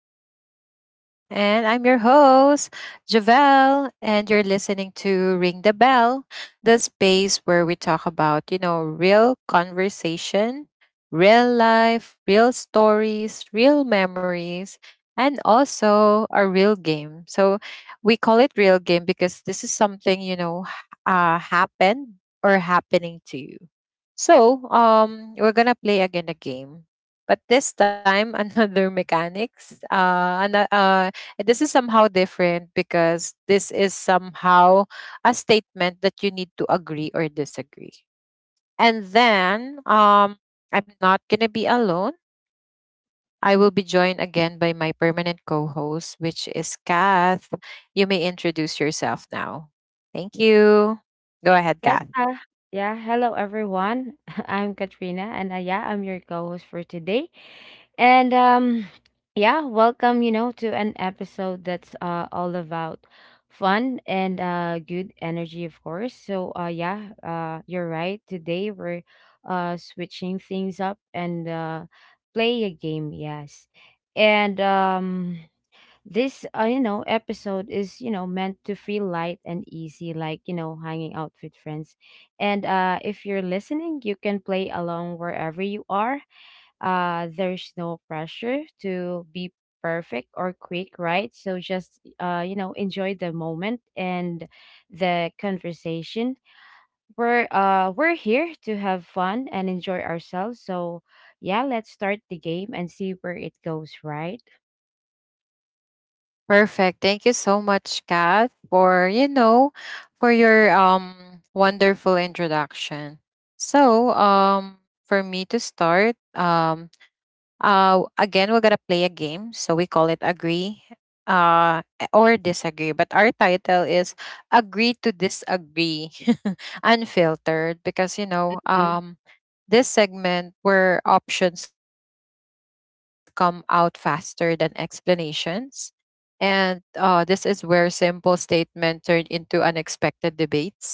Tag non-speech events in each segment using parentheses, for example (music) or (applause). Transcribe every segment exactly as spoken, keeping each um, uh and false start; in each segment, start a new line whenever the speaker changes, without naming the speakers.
back to the show. And I'm your host, Javelle, and you're listening to Ring the Bell, the space where we talk about, you know, real conversation, real life, real stories, real memories, and also a real game. So we call it real game because this is something, you know, h- uh, happened or happening to you. So, um, we're gonna play again a game. But this time, (laughs) another mechanics. Uh, and, uh, uh, this is somehow different because this is somehow a statement that you need to agree or disagree. And then, um, I'm not gonna be alone. I will be joined again by my permanent co-host, which is Kath. You may introduce yourself now. Thank you. Go ahead,
Yes,
Kath.
uh, yeah. Hello, everyone. (laughs) I'm Katrina, and uh, yeah, I'm your co-host for today. And um, yeah, welcome. You know, to an episode that's uh all about fun and uh good energy, of course. So uh, yeah, uh, you're right. Today we're uh switching things up and uh play a game. Yes, and um. This, uh, you know, episode is, you know, meant to feel light and easy, like, you know, hanging out with friends. And uh, if you're listening, you can play along wherever you are. Uh, there's no pressure to be perfect or quick, right? So just, uh, you know, enjoy the moment and the conversation. We're, uh, we're here to have fun and enjoy ourselves. So, yeah, let's start the game and see where it goes, right?
Perfect. Thank you so much, Kath, for you know, for your um wonderful introduction. So, um, for me to start, um, uh, again, we're gonna play a game. So we call it agree, uh, or disagree. But our title is agree to disagree, (laughs) unfiltered, because you know, um, this segment where options come out faster than explanations and uh, this is where simple statement turned into unexpected debates,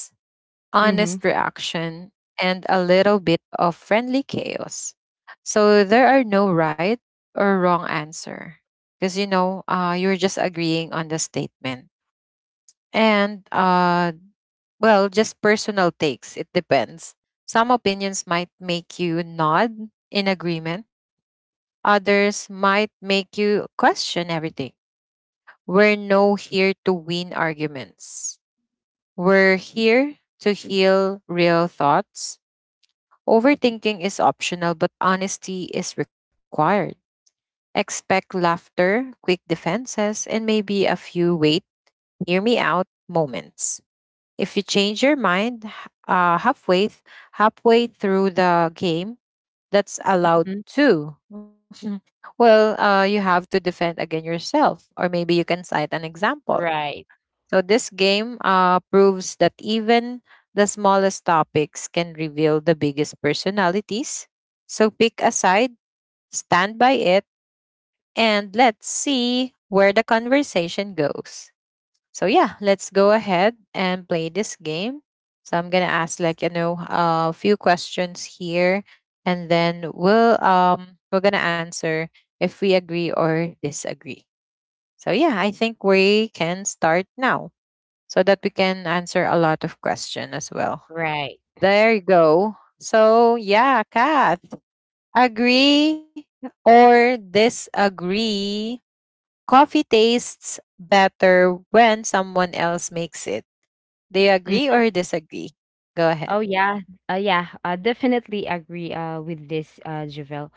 honest
Mm-hmm.
reaction, and a little bit of friendly chaos. So there are no right or wrong answer because you know uh, you're just agreeing on the statement. And uh, well, just personal takes. It depends. Some opinions might make you nod in agreement. Others might make you question everything. We're no here to win arguments. We're here to heal real thoughts. Overthinking is optional, but honesty is required. Expect laughter, quick defenses, and maybe a few wait, hear me out moments. If you change your mind h- uh, halfway, th- halfway through the game, that's allowed
Hmm.
too. (laughs) Well, uh, you have to defend again yourself, or maybe you can cite an example.
Right.
So this game uh, proves that even the smallest topics can reveal the biggest personalities. So pick a side, stand by it, and let's see where the conversation goes. So yeah, let's go ahead and play this game. So I'm gonna ask like you know a few questions here, and then we'll um we're gonna answer if we agree or disagree. So yeah, I think we can start now so that we can answer a lot of question as well.
Right.
There you go. So yeah, Kath, agree or disagree? Coffee tastes better when someone else makes it. Do you
Mm.
agree or disagree? Go
Oh
ahead.
yeah. Uh, yeah, I definitely agree uh with this uh Javel.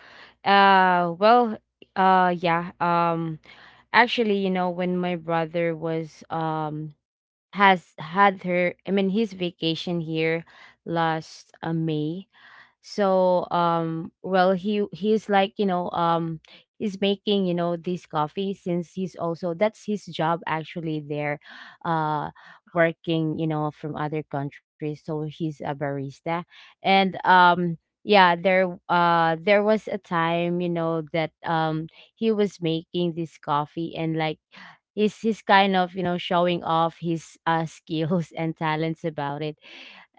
Uh well, uh yeah. Um actually, you know, when my brother was um has had her I mean his vacation here last uh, May, so um well, he he's like, you know, um he's making, you know, this coffee, since he's also— that's his job actually there, uh working, you know, from other countries, so he's a barista. And um yeah, there uh there was a time, you know, that um he was making this coffee, and like, he's he's kind of, you know, showing off his uh (laughs) skills and talents about it.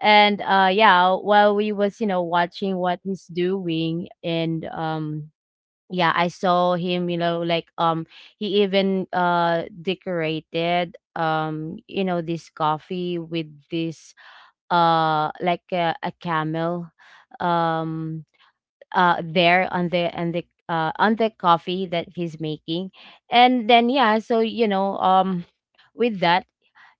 And uh yeah, while we was, you know, watching what he's doing. And um yeah, I saw him, you know, like, um he even uh decorated, um you know, this coffee with this, uh like a, a camel, um uh there on the— on the— uh on the coffee that he's making. And then, yeah, so, you know, um with that,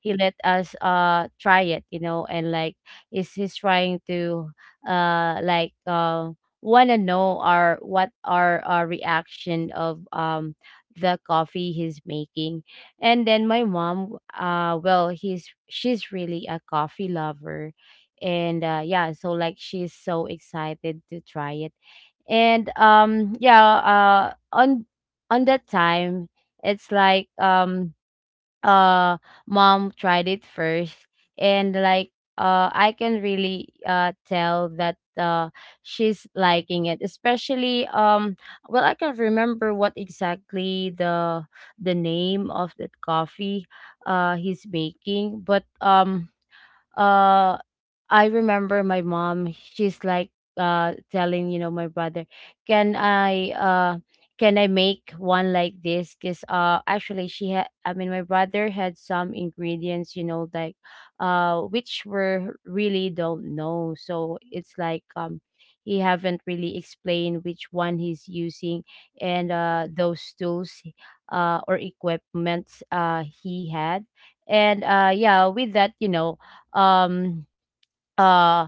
he let us uh try it, you know, and like, is he's trying to, uh like, uh want to know our— what our— our reaction of, um the coffee he's making. And then my mom— uh well, he's she's really a coffee lover, and uh yeah, so like, she's so excited to try it. And um yeah, uh on on that time, it's like, um uh mom tried it first, and like, uh I can really uh tell that uh she's liking it, especially— um well, I can't remember what exactly the— the name of that coffee uh he's making, but um uh I remember my mom, she's like, uh telling, you know, my brother, "Can I— uh can I make one like this?" Cuz uh actually, she had— I mean, my brother had some ingredients, you know, like, uh which were really— don't know. So it's like, um he haven't really explained which one he's using, and uh those tools, uh or equipments uh he had. And uh yeah, with that, you know, um uh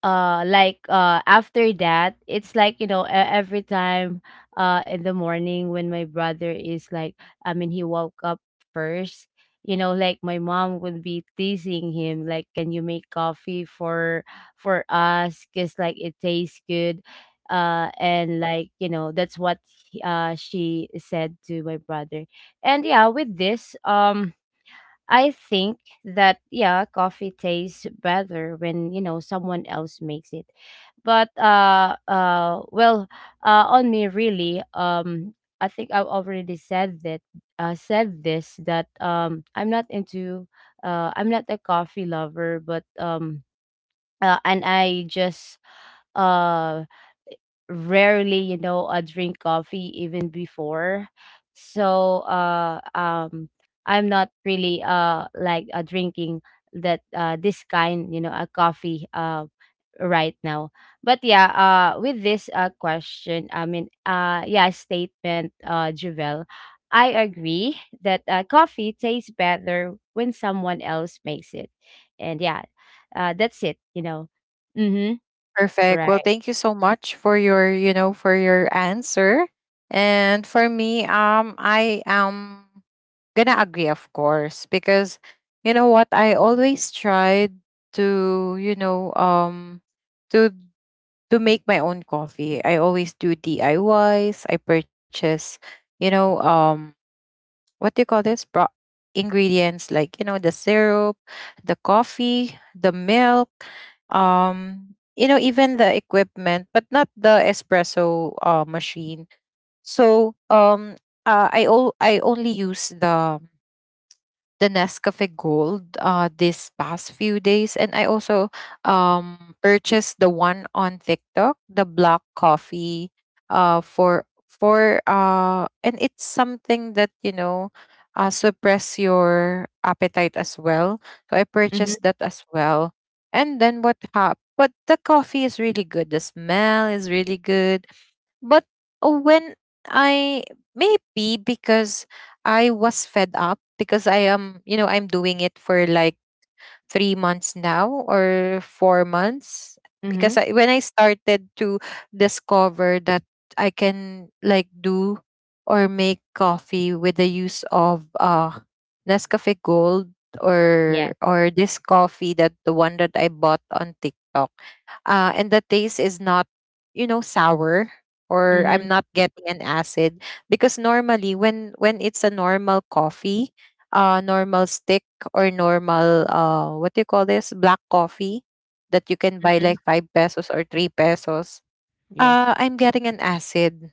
uh like, uh after that, it's like, you know, e- every time, uh in the morning, when my brother is like— I mean, he woke up first, you know, like, my mom would be teasing him like, can you make coffee for— for us, because like it tastes good? Uh and like, you know, that's what he- uh she said to my brother. And yeah, with this, um I think that, yeah, coffee tastes better when, you know, someone else makes it. But uh, uh, well, uh, on me really, um, I think I've already said that, uh, said this, that, um, I'm not into— uh, I'm not a coffee lover, but um, uh, and I just uh rarely, you know, uh, drink coffee even before. So uh, um, I'm not really uh, like, uh, drinking that, uh, this kind, you know, a coffee, uh, right now. But yeah, uh, with this uh, question, I mean, uh, yeah, statement, uh, Juvel, I agree that uh, coffee tastes better when someone else makes it. And yeah, uh, that's it, you know. Mm-hmm.
Perfect. Well,
Right.
thank you so much for your, you know, for your answer. And for me, um, I am gonna agree, of course, because you know what? I always tried to, you know, um, to to make my own coffee. I always do D I Ys. I Ys. I purchase, you know, um, what do you call this? Bro- ingredients like you know the syrup, the coffee, the milk, um, you know, even the equipment, but not the espresso uh, machine. So, um, uh, I all I only use the the Nescafe Gold uh this past few days, and I also um purchased the one on TikTok, the black coffee uh for for uh and it's something that you know uh suppress your appetite as well. So I
Mm-hmm.
purchased that as well. And then what happened? But the coffee is really good. The smell is really good, but uh, when I, maybe because I was fed up because I am, you know, I'm doing it for like three months now or four months.
Mm-hmm.
Because I, when I started to discover that I can like do or make coffee with the use of uh Nescafe Gold
Yeah.
or or this coffee, that the one that I bought on TikTok, uh, and the taste is not you know sour or
Mhm,
I'm not getting an acid, because normally when when it's a normal coffee, uh normal stick, or normal uh what do you call this, black coffee that you can buy
mhm,
like five pesos or three pesos,
yes.
uh I'm getting an acid.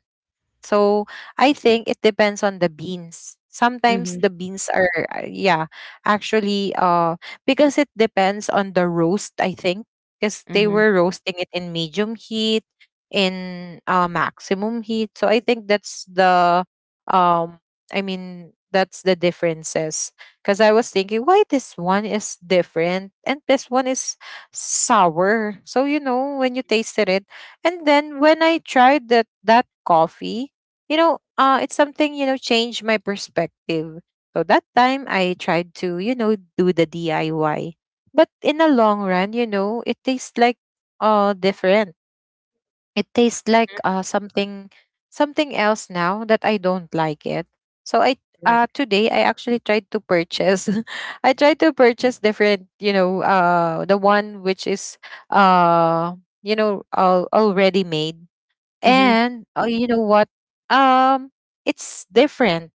So I think it depends on the beans. Sometimes
Mhm,
the beans are uh, yeah, actually uh because it depends on the roast, I think, because they
mhm,
were roasting it in medium heat, in uh maximum heat. So I think that's the um I mean that's the differences. Cause I was thinking why this one is different and this one is sour. So you know when you tasted it. And then when I tried that that coffee, you know, uh, it's something, you know, changed my perspective. So that time I tried to, you know, do the D I Y. But in the long run, you know, it tastes like uh different. It tastes like
mhm,
uh something something else now that I don't like it. So I,
right.
uh today I actually tried to purchase. (laughs) I tried to purchase different, you know, uh the one which is uh you know al- already made.
Mhm,
And uh, you know what, um it's different,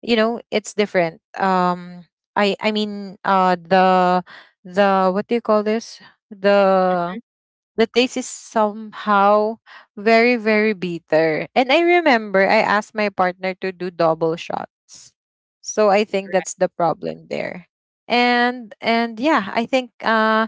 you know it's different. Um i i mean uh the the what do you call this, the the taste is somehow very, very bitter. And I remember I asked my partner to do double shots. So I think
right,
that's the problem there. And and yeah, I think uh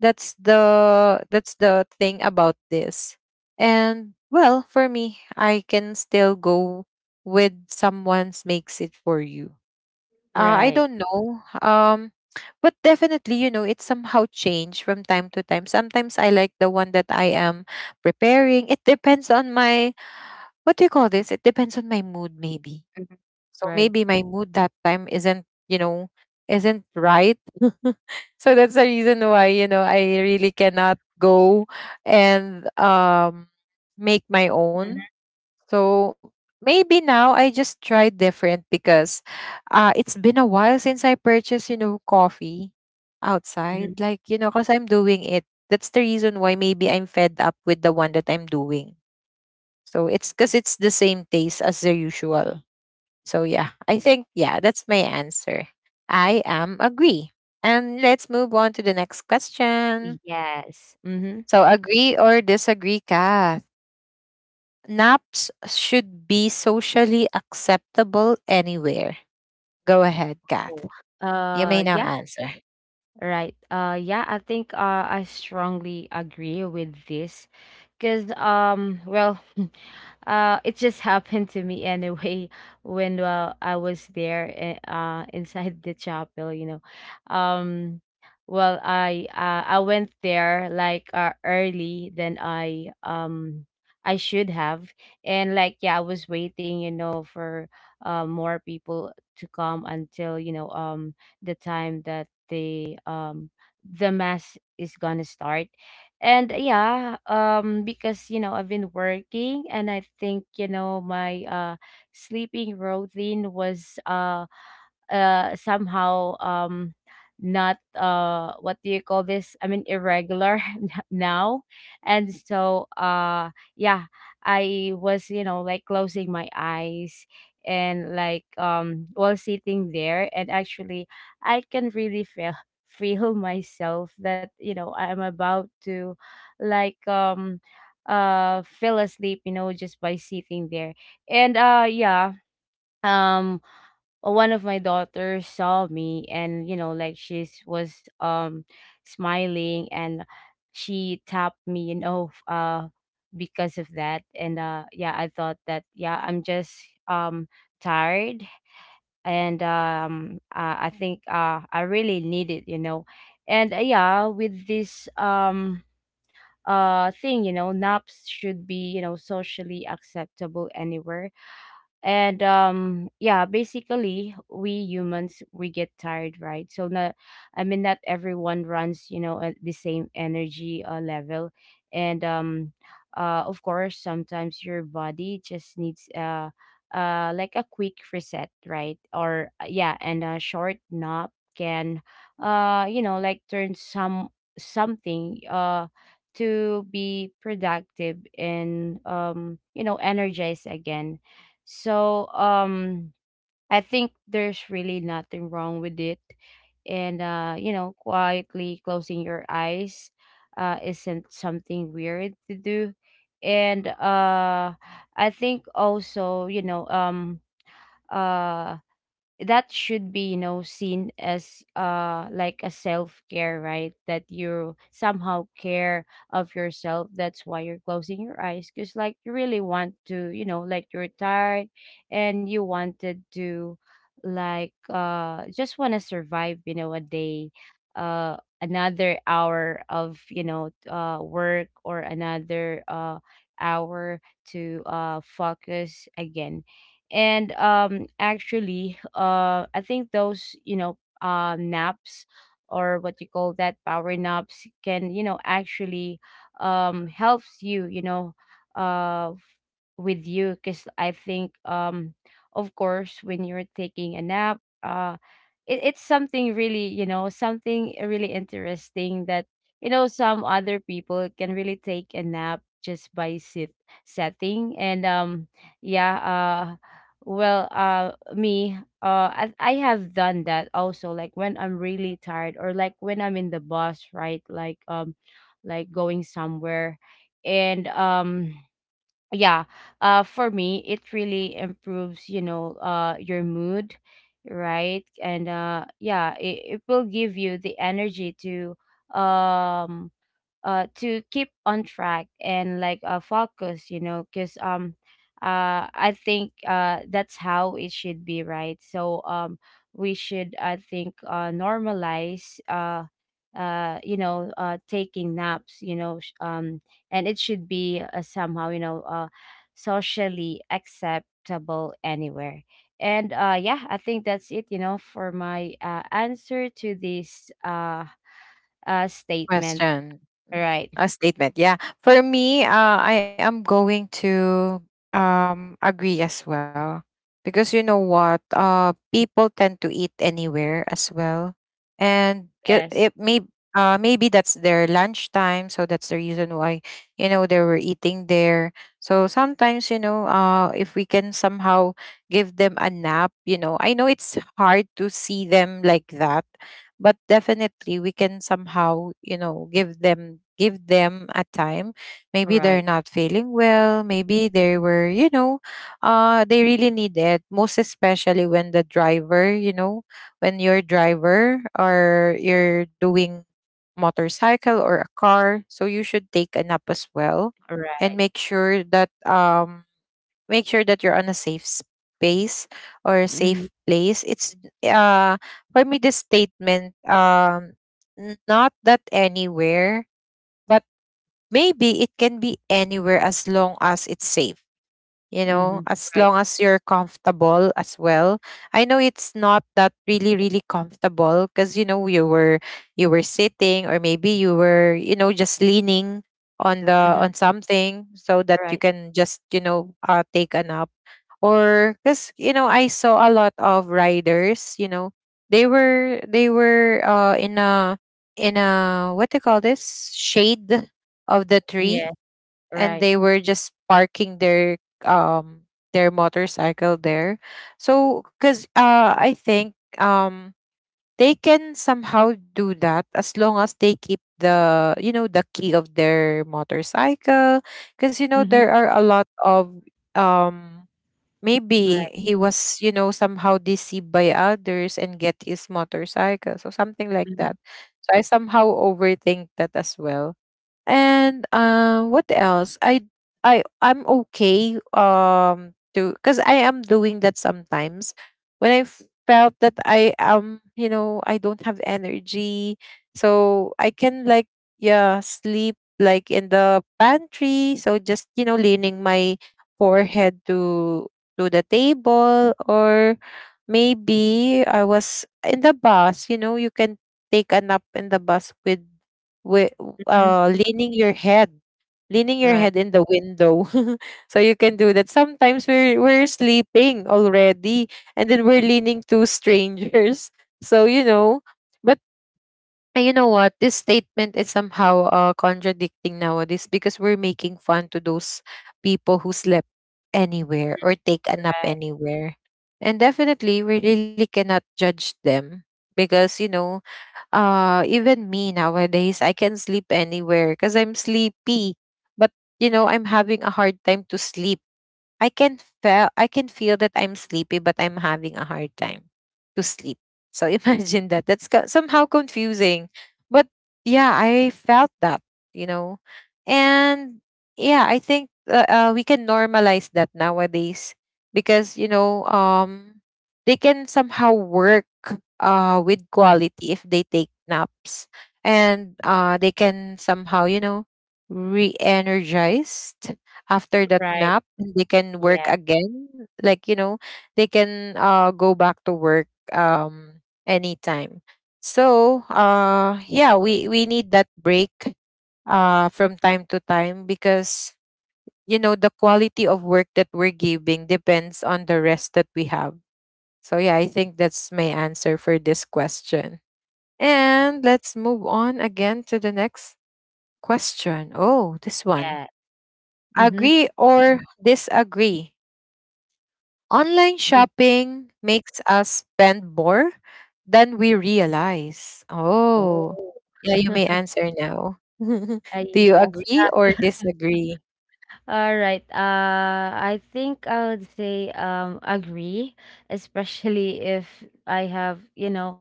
that's the that's the thing about this. And well, for me, I can still go with someone's makes it for you. Uh, I
right.
don't know. Um, but definitely, you know, it somehow changed from time to time. Sometimes I like the one that I am preparing. It depends on my, what do you call this? It depends on my mood, maybe.
Mhm,
So
right.
maybe my mood that time isn't, you know, isn't right. (laughs) So that's the reason why, you know, I really cannot go and um, make my
Mhm,
own. So maybe now I just try different because uh, it's been a while since I purchased, you know, coffee
mhm.
outside. Like, you know, because I'm doing it. That's the reason why maybe I'm fed up with the one that I'm doing. So it's because it's the same taste as the usual. So yeah, I think, yeah, that's my answer. I am agree. And let's move on to the next question.
Yes. Mhm.
So agree or disagree ka? Naps should be socially acceptable anywhere. Go ahead,
Oh.
Kath. You
Uh,
may now
yeah.
answer.
Right. Uh yeah, I think uh I strongly agree with this, cuz um well, (laughs) uh it just (laughs) happened to me anyway, (laughs) when uh, I was there, eh, uh (laughs) inside the chapel, you know. Um well, I— uh, I went there like, uh, early than I um I should have, and like, yeah, I was waiting, you know, for uh more people to come, until, you know, um the time that the um the mass is gonna start. And yeah, um because you know, I've been working, and I think, you know, my uh sleeping routine was uh uh somehow, um not uh what do you call this, I mean, irregular (laughs) n- now. And so uh yeah, I was, you know, like closing my eyes, and like, um while sitting there, and actually, I can really feel feel myself that, you know, I'm about to, like, um uh fell asleep, you know, just by sitting there. And uh yeah, um uh, one of my daughters saw me, and you know, like, she's was um smiling, and she tapped me, you know, f- uh because of that. And uh yeah, I thought that, yeah, I'm just, um tired, and um uh, I think uh I really need it, you know. And uh, yeah, with this, um uh thing, you know, naps should be, you know, socially acceptable anywhere. And um yeah, basically we humans, we get tired, right? So not— I mean, not everyone runs, you know, at the same energy uh, level. And um uh of course, sometimes your body just needs uh uh like a quick reset, right? Or uh, yeah, and a short nap can, uh you know, like turn some— something uh to be productive and, um you know, energized again. So um I think there's really nothing wrong with it. And uh, you know, quietly closing your eyes uh isn't something weird to do. And uh I think also, you know, um uh that should be, you know, seen as uh like a self-care, right? That you somehow care of yourself, that's why you're closing your eyes, because like, you really want to, you know, like, you're tired, and you wanted to, like, uh just want to survive, you know, a day, uh another hour of, you know, uh work, or another uh hour to uh focus again. And um actually, uh I think those, you know, uh naps, or what you call that, power naps, can, you know, actually, um helps you, you know, uh f- with you, because I think, um of course, when you're taking a nap, uh it, it's something really, you know, something really interesting, that you know, some other people can really take a nap just by sit setting, and, um yeah, uh, well, uh me, uh I, I have done that also, like when I'm really tired, or like when I'm in the bus, right? Like, um like going somewhere. And um yeah, uh for me, it really improves, you know, uh your mood, right? And uh yeah, it, it will give you the energy to, um uh to keep on track and like, uh focus, you know, because, um uh I think uh that's how it should be, right? So, um we should, I think, uh normalize, uh uh you know, uh taking naps, you know, sh- um and it should be, uh, somehow, you know, uh socially acceptable anywhere. And uh yeah, I think that's it, you know, for my uh answer to this uh uh statement.
Question. Mm.
Right.
A statement. Yeah. For me, uh, I am going to um agree as well. Because you know what? Uh, people tend to eat anywhere as well. And get
Yes.
it may uh maybe that's their lunchtime, so that's the reason why, you know, they were eating there. So sometimes, you know, uh if we can somehow give them a nap, you know, I know it's hard to see them like that, but definitely we can somehow you know give them give them a time. Maybe they're
Right.
not feeling well, maybe they were you know uh they really need it, most especially when the driver you know, when your driver or you're doing motorcycle or a car, so you should take a nap as well
Right.
and make sure that um make sure that you're on a safe space or a
Mhm.
safe place. It's uh for me this statement, um n- not that anywhere, but maybe it can be anywhere as long as it's safe, you know,
Mhm.
as
Right.
long as you're comfortable as well. I know it's not that really really comfortable because you know you were you were sitting, or maybe you were you know just leaning on the
Mhm.
on something so that you
Right.
can just you know uh, take a nap. Or because you know I saw a lot of riders you know they were they were uh in a in a what do you call this, shade of the
Yeah.
tree, and
Right.
they were just parking their um their motorcycle there. So because uh I think um they can somehow do that as long as they keep the you know the key of their motorcycle, because you know
Mhm.
there are a lot of um
Right.
maybe he was you know somehow deceived by others and get his motorcycle, so something like
Mhm.
that. So I somehow overthink that as well. And uh, what else? I I I'm okay um to, because I am doing that sometimes, when I felt that I am you know I don't have energy, so I can like yeah sleep like in the pantry. So just you know leaning my forehead to to the table, or maybe I was in the bus. You know you can take a nap in the bus with with
Mhm.
uh, leaning your head, leaning your
Right.
head in the window. (laughs) So you can do that. Sometimes we're we're sleeping already, and then we're leaning to strangers. (laughs) So you know, but uh, you know what? This statement is somehow uh, contradicting nowadays because we're making fun to those people who slept anywhere or take a nap
Right.
anywhere. And definitely, we really cannot judge them because you know uh even me nowadays I can sleep anywhere because I'm sleepy but you know I'm having a hard time to sleep. I can feel I can feel that I'm sleepy, but I'm having a hard time to sleep. So (laughs) imagine that. That's co- somehow confusing, but yeah, I felt that, you know, and yeah, I think uh, uh, we can normalize that nowadays because you know um they can somehow work uh with quality if they take naps, and uh they can somehow, you know re-energized after that
Right.
nap, and they can work
Yeah.
again. like you know they can uh go back to work um anytime. So uh yeah, we we need that break uh from time to time because, you know the quality of work that we're giving depends on the rest that we have. So yeah, I think that's my answer for this question, and let's move on again to the next question. Oh, this one.
Yeah. Mhm.
Agree or disagree? Online
Mhm.
shopping makes us spend more than we realize. Oh,
Oh.
yeah, you may
(laughs)
answer now. (laughs)
I—
Do you agree or
yes.
disagree?
All right. Uh, I think I would say um agree, especially if I have, you know,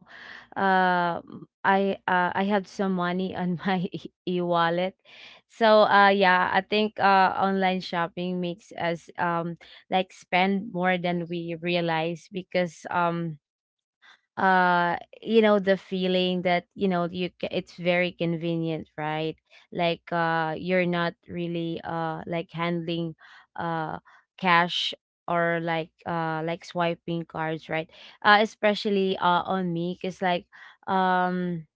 uh, m- I— uh, I have some money on my (laughs) e- e-wallet. So uh yeah, I think uh online shopping makes us um like spend more than we realize, because um uh, you know, the feeling that you know, you— ca- it's very convenient, right? Like, uh you're not really uh like handling, uh cash, or like, uh like swiping cards, right? Uh especially uh on me, cuz like, um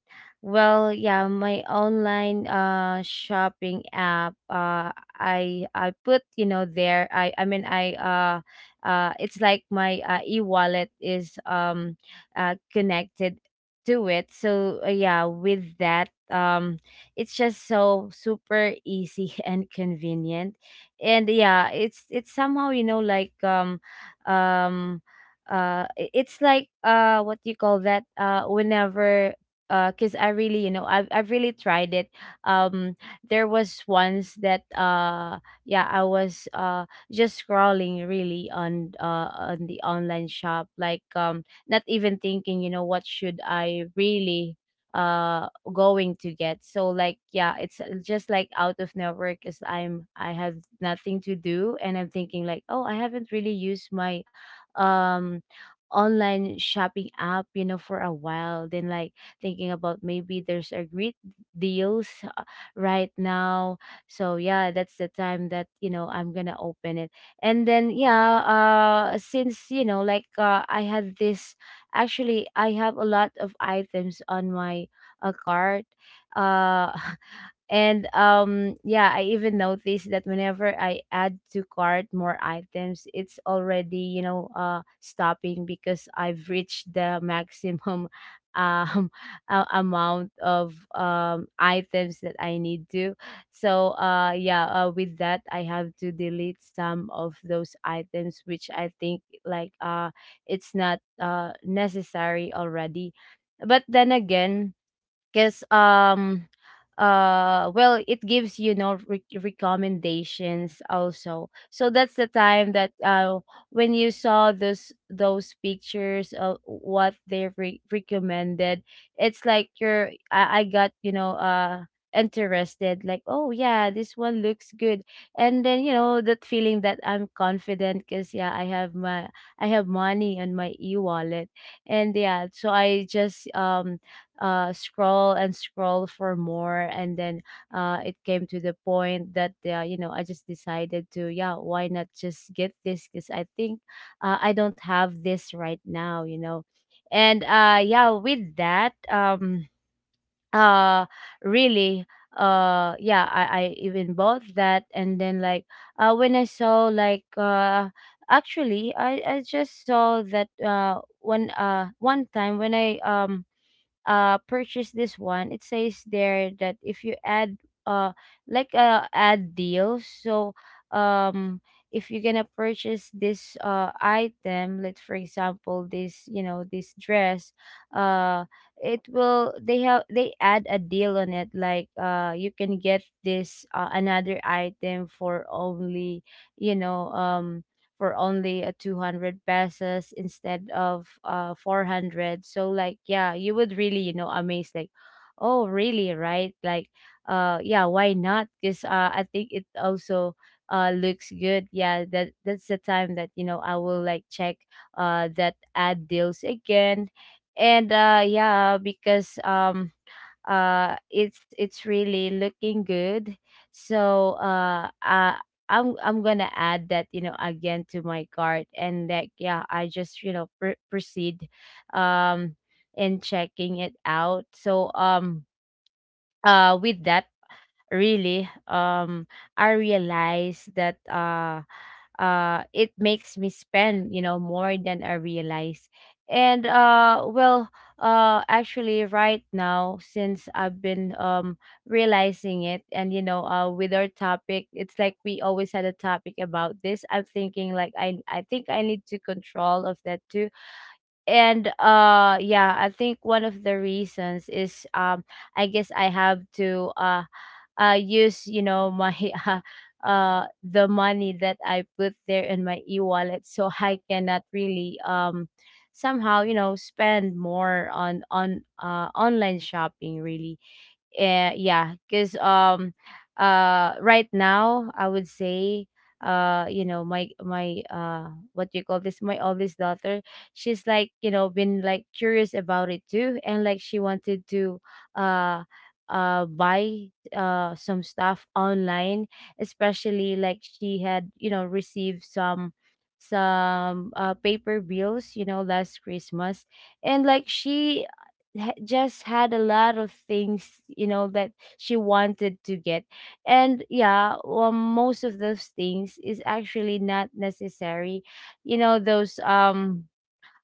well, yeah, my online uh shopping app, uh I— I put, you know, there, I— I mean, I— uh uh it's like my uh, e-wallet is um uh connected to it. So uh, yeah, with that, um it's just so super easy (laughs) and convenient. And yeah, it's it's somehow, you know, like um um uh i- it's like uh what do you call that? Uh whenever, uh because I really, you know, I've, I've really tried it. um there was once that uh yeah, I was uh just scrolling really on uh on the online shop, like um not even thinking, you know, what should I really uh going to get. So like yeah, it's just like out of network because I'm I have nothing to do, and I'm thinking like, oh, I haven't really used my um online shopping app, you know, for a while. Then like thinking about maybe there's a great deals uh, right now. So yeah, that's the time that, you know, I'm gonna open it. And then yeah, uh, since, you know, like, uh, I had this, actually, I have a lot of items on my uh, cart. Uh, (laughs) And um yeah, I even noticed that whenever I add to cart more items, it's already, you know, uh stopping because I've reached the maximum (laughs) um a- amount of um items that I need to. So uh yeah, uh, with that, I have to delete some of those items which I think like uh it's not uh necessary already. But then again, because um uh well, it gives, you know, re- recommendations also. So that's the time that uh when you saw those those pictures of what they re- recommended, it's like you're I, I got, you know, uh interested, like, oh yeah, this one looks good. And then you know that feeling that I'm confident because yeah, I have my I have money on my e-wallet. And yeah, so I just um uh, scroll and scroll for more. And then uh, it came to the point that, uh, you know, I just decided to, yeah, why not just get this, because I think, uh, I don't have this right now, you know. And uh, yeah, with that, um uh really, uh yeah, i i even bought that. And then like uh when I saw like uh actually, i i just saw that uh one uh one time when I um uh purchase this one, it says there that if you add uh like uh add deals. So um if you're gonna purchase this uh item, like for example, this, you know, this dress, uh it will, they have, they add a deal on it, like uh you can get this uh, another item for only, you know, um for only a two hundred pesos instead of uh four hundred. So like yeah, you would really, you know, amazed, like, oh really, right? Like, uh yeah, why not, because, uh, I think it also uh looks good. Yeah, that that's the time that, you know, I will like check uh that ad deals again. And uh yeah, because um uh it's it's really looking good. So uh uh I'm I'm gonna add that, you know, again to my cart. And like yeah, I just, you know, pr- proceed um in checking it out. So um uh with that, really, um I realized that uh uh it makes me spend, you know, more than I realize. And uh well, uh actually right now, since I've been um realizing it, and you know, uh with our topic, it's like we always had a topic about this. I'm thinking like, i i think I need to control of that too. And uh yeah, I think one of the reasons is, um I guess I have to uh uh, use, you know, my (laughs) uh, uh, the money that I put there in my e-wallet, so I cannot really um somehow, you know, spend more on on uh, online shopping really. Eh, yeah, because um, uh, right now I would say, uh, you know, my my uh, what do you call this? My oldest daughter, she's like, you know, been like curious about it too, and like she wanted to, uh, uh, buy uh some stuff online, especially like she had, you know, received some some uh paper bills, you know, last Christmas. And like she ha- just had a lot of things, you know, that she wanted to get. And yeah, well, most of those things is actually not necessary, you know, those um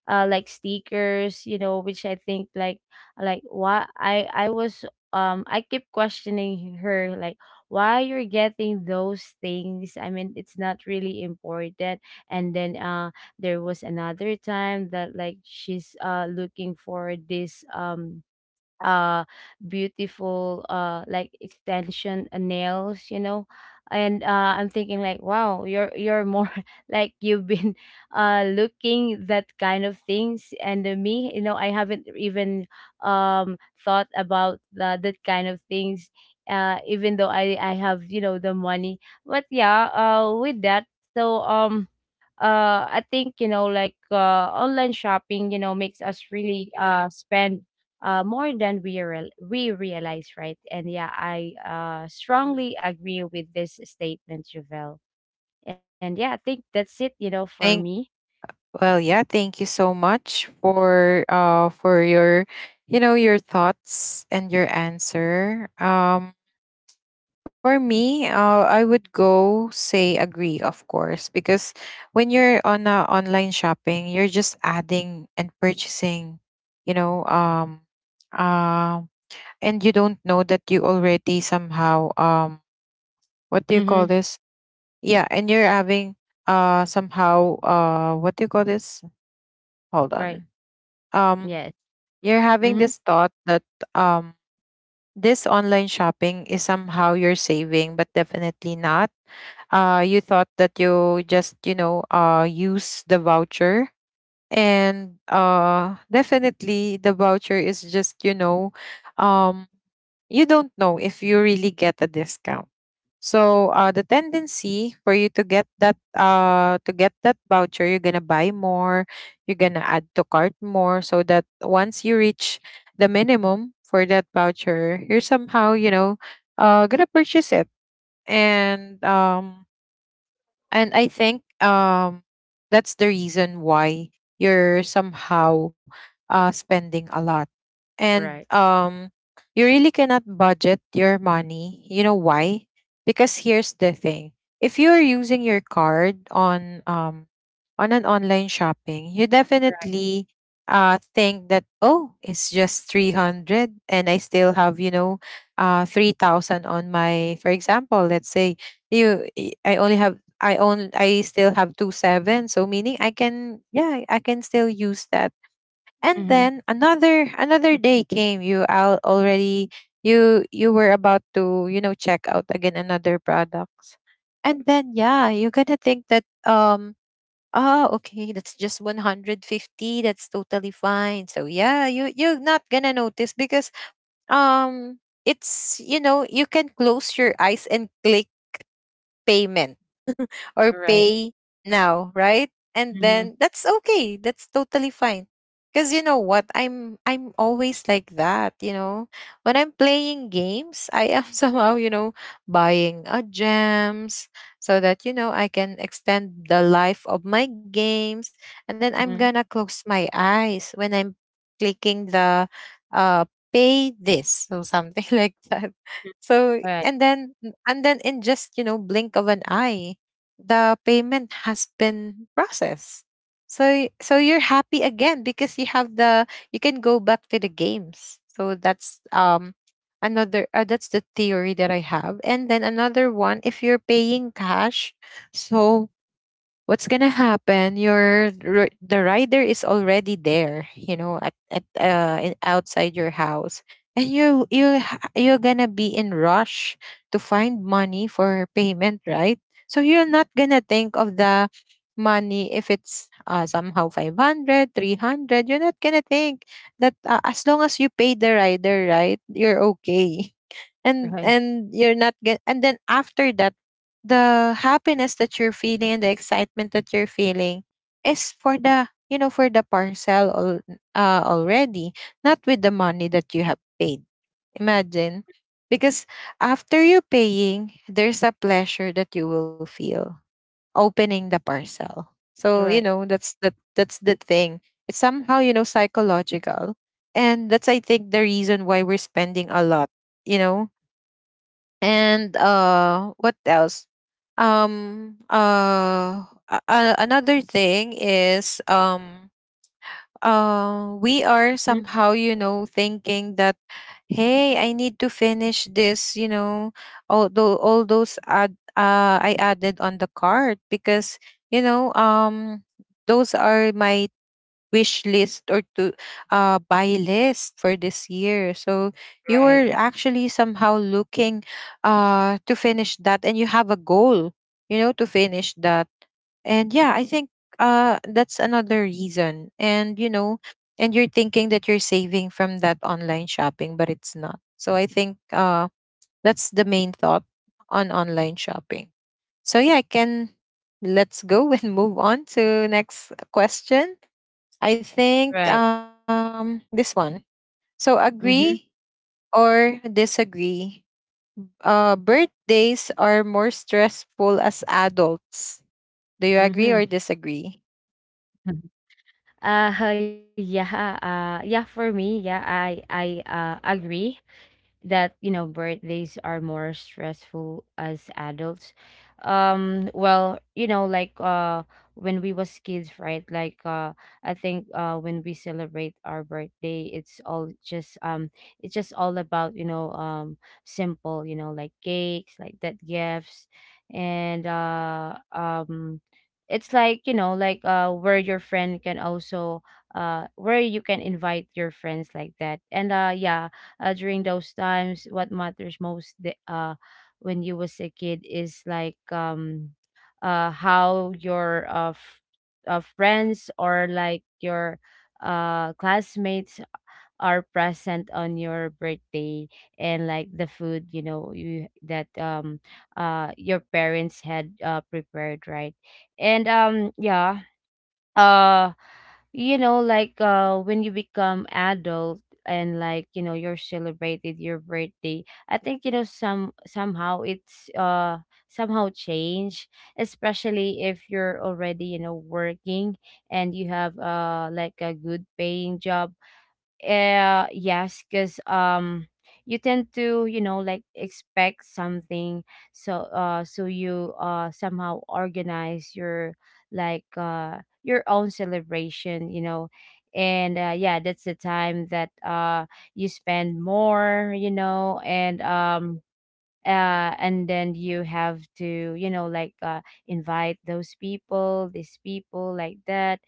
uh like stickers, you know, which I think like like why i i was um I keep questioning her like, why you're getting those things? I mean, it's not really important. And then uh there was another time that like she's uh looking for this um uh beautiful uh like extension uh, nails, you know. And uh I'm thinking like, wow, you're you're more (laughs) like you've been (laughs) uh looking that kind of things. And uh, me, you know, I haven't even um thought about the, that kind of things, uh even though i i have, you know, the money. But yeah, uh with that. So um uh I think, you know, like uh online shopping, you know, makes us really uh spend uh more than we real we realize, right? And yeah, I uh strongly agree with this statement, Javel. And yeah, I think that's it, you know, for
Thank
me.
Well, yeah, thank you so much for uh for your, you know your thoughts and your answer. Um For me, uh, I would go say agree, of course, because when you're on uh, online shopping, you're just adding and purchasing, you know, um, uh, and you don't know that you already somehow, um, what do you call
Mm-hmm.
this? Yeah, and you're having uh somehow uh what do you call this? Hold on.
Right.
Um,
Yes.
you're having this
Mm-hmm.
thought that um this online shopping is somehow you're saving, but definitely not. Uh, you thought that you just, you know uh, use the voucher, and uh, definitely the voucher is just, you know um, you don't know if you really get a discount. So uh, the tendency for you to get that uh, to get that voucher, you're gonna buy more, you're gonna add to cart more, so that once you reach the minimum for that voucher, you're somehow, you know uh, gonna purchase it. And um, and I think um that's the reason why you're somehow uh spending a lot. And
Right.
um you really cannot budget your money. You know why? Because here's the thing. If you're using your card on um on an online shopping, you
Right.
definitely uh think that, oh, it's just three hundred and I still have, you know, uh three thousand on my, for example, let's say you I I only have, I own I still have two seven. So meaning I can, yeah, I can still use that. And then
Mm-hmm.
another another day came. You out already you you were about to, you know, check out again another products. And then yeah, you're gonna think that, um oh okay, that's just one hundred fifty, that's totally fine. So yeah, you you're not gonna notice because um it's, you know, you can close your eyes and click payment or pay
Right.
now, right? And then
Mm-hmm.
that's okay. That's totally fine. Cuz you know what? I'm I'm always like that, you know. When I'm playing games, I am (laughs) somehow, you know, buying a gems so that you know I can extend the life of my games, and then I'm going to
Mm-hmm.
close my eyes when I'm clicking the uh pay this or something (laughs) like that. so and
Right.
then and then in just, you know, blink of an eye, the payment has been processed. So y- so you're happy again because you have the, you can go back to the games. So that's um another uh, that's the theory that I have. And then another one, if you're paying cash, so what's gonna happen, your ri- the rider is already there, you know, at, at uh in- outside your house, and you you ha- you're gonna be in rush to find money for payment, right? So you're not gonna think of the money if it's uh, somehow five hundred, three hundred. You're not gonna think that uh, as long as you pay the rider, right, you're okay. (laughs) and
Right.
and you're not gonna, and then after that, the happiness that you're feeling and the excitement that you're feeling is for the, you know, for the parcel al- uh, already, not with the money that you have paid. Imagine, because after you paying, there's a pleasure that you will feel opening the parcel. So you know,
Right.
that's the, that's the thing. It's somehow, you know, psychological, and that's, I think, the reason why we're spending a lot, you know. And uh what else? Um uh a- a- another thing is, um uh we are
Mhm.
somehow, you know, thinking that, hey, I need to finish this, you know, all, tho- all those ad, uh, I added on the card because, you know, um those are my wish list or to uh, buy list for this year. So you were
Right.
actually somehow looking uh, to finish that, and you have a goal, you know, to finish that. And yeah, I think uh, that's another reason. And, you know, and you're thinking that you're saving from that online shopping, but it's not. So I think uh, that's the main thought on online shopping. So yeah, I can, let's go (laughs) and move on to next question. I think
Right.
um this one. So, agree
Mm-hmm.
or disagree? Uh birthdays are more stressful as adults. Do you agree or
Mm-hmm.
disagree?
(laughs) Uh, (laughs) yeah, uh, yeah, for me, yeah, I I uh, agree that, you know, birthdays are more stressful as adults. Um well, you know, like uh when we was kids, right? Like uh I think uh when we celebrate our birthday, it's all just um it's just all about, you know, um simple, you know, like cakes, like that, gifts. And uh um it's like, you know, like uh where your friend can also uh where you can invite your friends, like that. And uh yeah, uh, during those times, what matters most, the, uh when you was a kid, is like um uh how your uh, f- uh friends or like your uh classmates are present on your birthday, and like the food, you know, you that um uh your parents had uh prepared, right? And um yeah, uh you know, like uh when you become adult, and like, you know, you're celebrated your birthday, I think, you know, some somehow it's uh somehow change, especially if you're already, you know, working and you have uh like a good paying job. Uh yes, because um you tend to, you know, like expect something. So uh so you uh somehow organize your like uh your own celebration, you know. And uh, yeah, that's the time that uh you spend more, you know. And um uh, and then you have to, you know, like, uh, invite those people, these people, like that.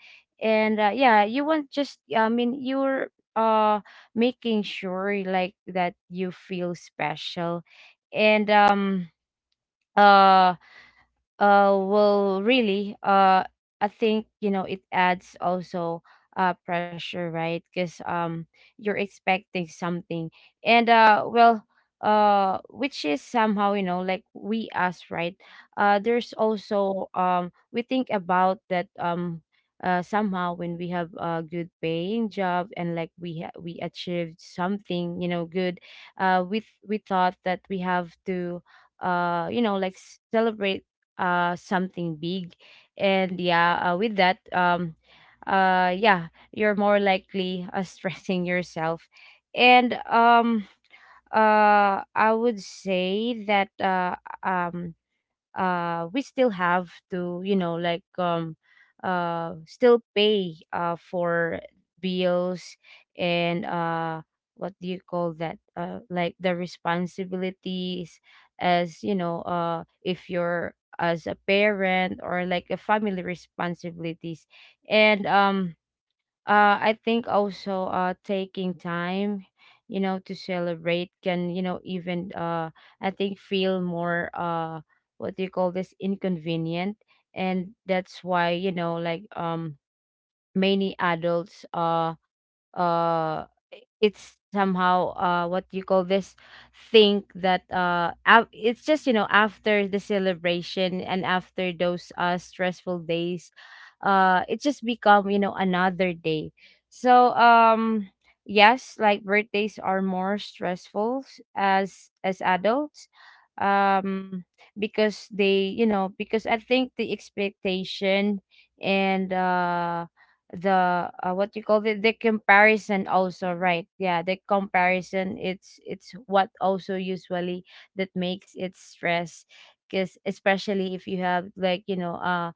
And uh, yeah, you want just I mean you're uh making sure like that you feel special. And um uh uh, well, really, uh, I think, you know, it adds also uh pressure, right? Because um you're expecting something. And uh, well, uh, which is somehow, you know, like we us, right? Uh, there's also um we think about that. Um. Uh, somehow when we have a good paying job and like we ha- we achieved something, you know, good. Uh we th- we thought that we have to uh you know, like celebrate uh something big. And yeah, uh, with that, um uh yeah, you're more likely uh, (laughs) stressing yourself. And um uh I would say that uh um uh we still have to, you know, like um uh still pay uh for bills. And uh what do you call that? Uh like the responsibilities as, you know, uh if you're as a parent or like a family responsibilities. And um uh, I think also, uh, taking time, you know, to celebrate can, you know, even, uh, I think, feel more uh, what do you call this, inconvenient. And that's why, you know, like um many adults uh uh i- it's somehow uh what do you call this, think that uh af- it's just, you know, after the celebration and after those uh stressful days, uh it just become, you know, another day. So um yes, like birthdays are more stressful s- as as adults. um because they, you know, because I think the expectation, and uh the uh, what you call, the the comparison also, right? Yeah, the comparison, it's it's what also usually that makes it stress, because especially if you have like, you know, uh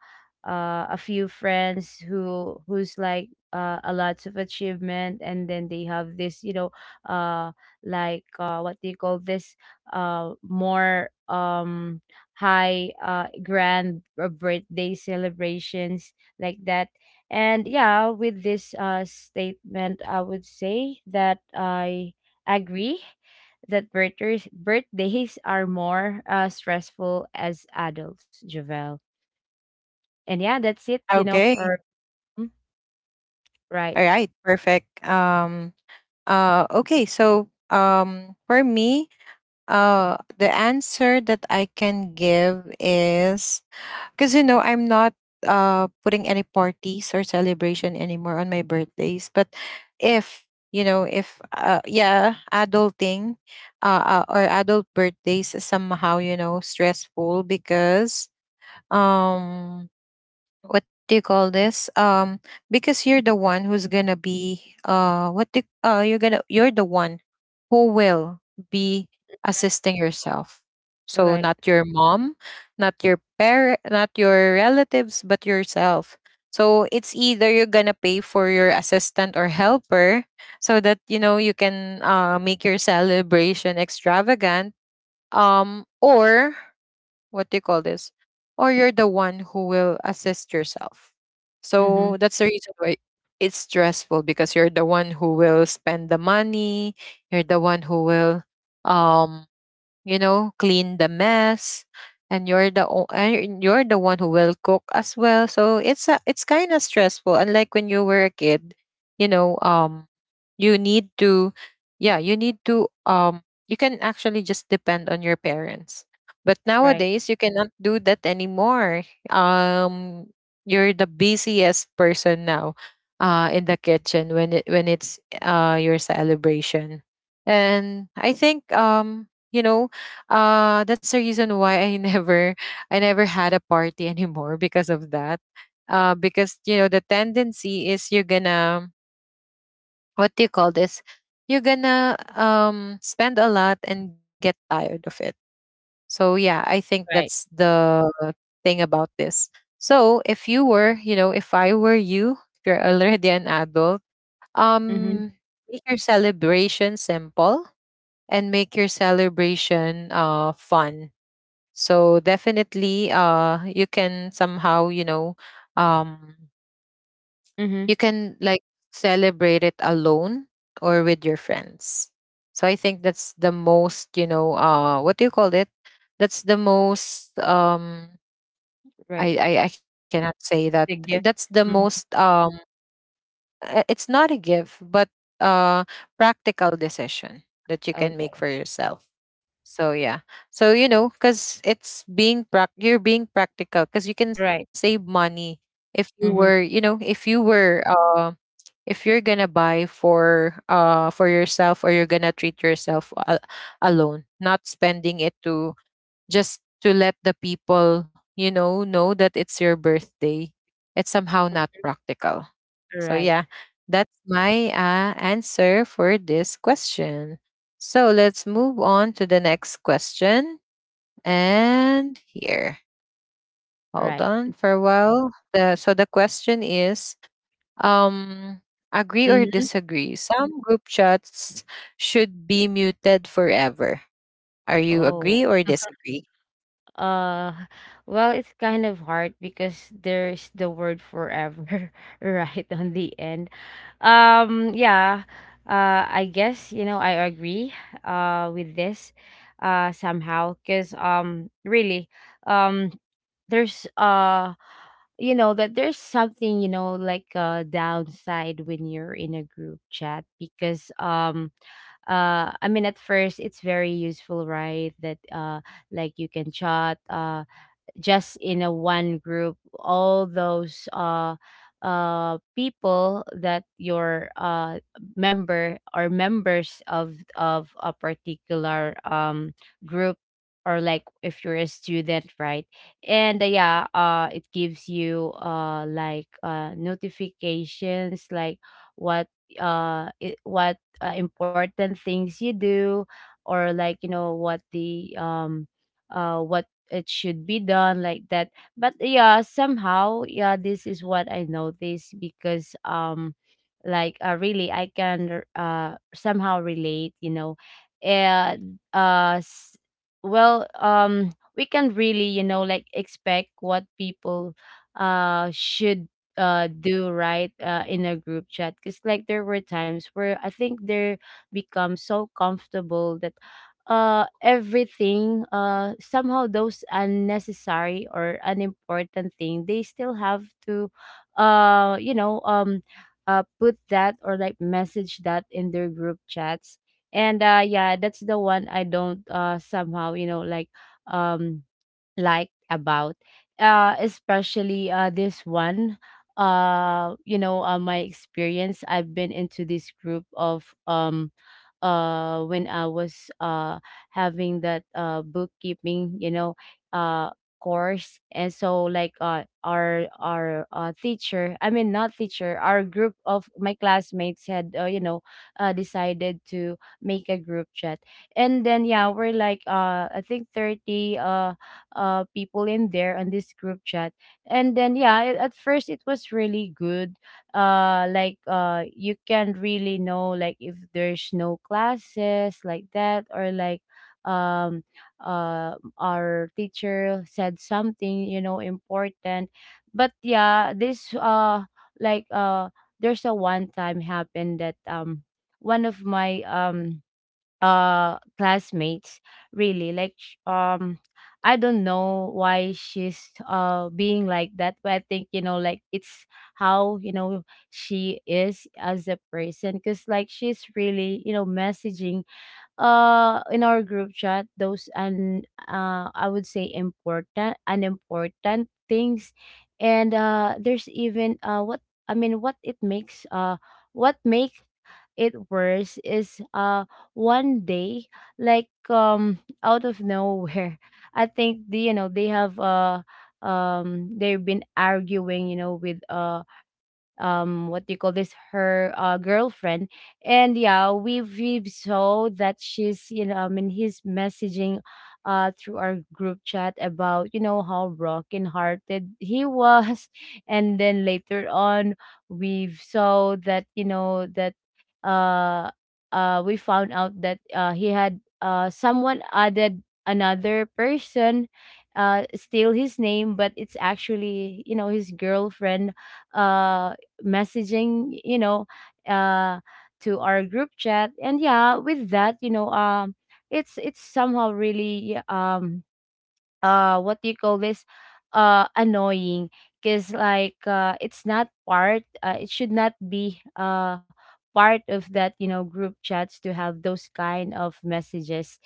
uh, a few friends who who's like, uh, a lots of achievement, and then they have this, you know, uh like uh what do you call this, uh more um high uh grand uh, birthday celebrations like that. And yeah, with this uh, statement, I would say that I agree that birthdays, birthdays are more uh, stressful as adults, Javel. And yeah, that's it, you know,
Okay.
for Mm, right,
All right. Perfect. Um uh okay, so um for me, uh the answer that I can give is, because, you know, I'm not uh, putting any parties or celebration anymore on my birthdays. But if, you know, if, uh, yeah, adulting, uh, uh, or adult birthdays is somehow, you know, stressful because, um, what do you call this? Um because you're the one who's gonna be, uh what do, uh you're gonna, you're the one who will be assisting yourself, so
right,
not your mom, not your parent, not your relatives, but yourself. So it's either you're gonna pay for your assistant or helper, so that you know you can uh make your celebration extravagant, um or what do you call this? Or you're the one who will assist yourself.
mm-hmm,
So that's the reason why it's stressful, because you're the one who will spend the money, you're the one who will um you know, clean the mess, and you're the o- and you're the one who will cook as well. So it's a, it's kind of stressful. Unlike when you were a kid, you know, um, you need to, yeah, you need to, um, you can actually just depend on your parents. But
right,
nowadays, you cannot do that anymore. Um, you're the busiest person now, uh, in the kitchen when it when it's uh your celebration, and I think um you know uh that's the reason why I (laughs) never, I never had a party anymore because of that, uh because you know the tendency is you're gonna, what do you call this, you're gonna um spend a lot and get tired of it. So yeah, I think that's
right,
the thing about this. So if you were, you know, if I were you, if you're already an adult,
mm-hmm,
um make your celebration simple, and make your celebration uh fun. So definitely, uh, you can somehow, you know, um,
mm-hmm,
you can like celebrate it alone or with your friends. So I think that's the most, you know, uh, what do you call it? That's the most. Um,
right.
I I, I cannot say that.
The
That's
gift.
the most.
Mm.
Um, uh, it's not a gift, but uh practical decision that you can make
Okay,
for yourself. So yeah. So you know, cuz it's being prac you're being practical cuz you can save
right,
money if you were, you
mm-hmm,
know, if you were uh if you're going to buy for uh for yourself, or you're going to treat yourself a- alone, not spending it to just to let the people, you know, know that it's your birthday. It's somehow not practical. So
right,
yeah, that's my uh, answer for this question. So let's move on to the next question. And here, hold
right.
on for a while. The, so the question is, um, agree or
Mm-hmm.
disagree? Some group chats should be muted forever. Are you
Oh.
agree or disagree?
Uh, well, it's kind of hard because there's the word forever (laughs) right on the end. Um, yeah. Uh, I guess, you know, I agree uh with this uh somehow, because um really, um there's uh you know that there's something, you know, like a downside when you're in a group chat. Because um uh I mean, at first it's very useful, right, that uh like you can chat, uh just in a one group, all those uh uh people that your uh member or members of of a particular um group, or like if you're a student, right? And uh, yeah, uh it gives you, uh like uh notifications, like what uh it, what uh, important things you do, or like, you know, what the um uh what it should be done, like that. But yeah, somehow, yeah, this is what I noticed, because um like, uh, really I can uh somehow relate, you know. And uh s- well, um we can really, you know, like expect what people uh should uh do, right, uh in a group chat. Because like there were times where I think they become so comfortable that uh everything, uh somehow, those unnecessary or unimportant thing, they still have to uh you know, um uh put that or like message that in their group chats. And uh yeah, that's the one I don't, uh somehow, you know, like, um like about, uh especially uh this one. Uh you know, uh, my experience, I've been into this group of, um uh when I was uh having that uh bookkeeping, you know, uh course. And so, like, uh our our uh, teacher, I mean not teacher, our group of my classmates had, uh, you know, uh, decided to make a group chat. And then yeah, we're like, uh I think thirty uh uh people in there on this group chat. And then yeah, it, at first it was really good. Uh like, uh you can really know, like if there's no classes like that, or like, um, uh, our teacher said something, you know, important. But yeah, this uh, like, uh, there's a one time happened that, um, one of my um uh classmates really like, sh- um I don't know why she's uh being like that, but I think, you know, like it's how, you know, she is as a person. Because like she's really, you know, messaging uh in our group chat those and uh I would say important, unimportant things. And uh there's even uh what I mean what it makes uh what makes it worse is, uh one day, like, um out of nowhere, (laughs) I think the, you know, they have uh um they've been arguing, you know, with uh um what do you call this, her uh girlfriend. And yeah, we we saw that she's, you know, I mean, he's messaging uh through our group chat about, you know, how broken hearted he was. (laughs) And then later on we saw that, you know, that uh uh we found out that uh he had uh someone added another person, uh steal his name, but it's actually, you know, his girlfriend uh messaging, you know, uh, to our group chat. And yeah, with that, you know, um, it's it's somehow really, um uh what do you call this, uh annoying, because like uh it's not part uh, it should not be uh part of that, you know, group chats, to have those kind of messages.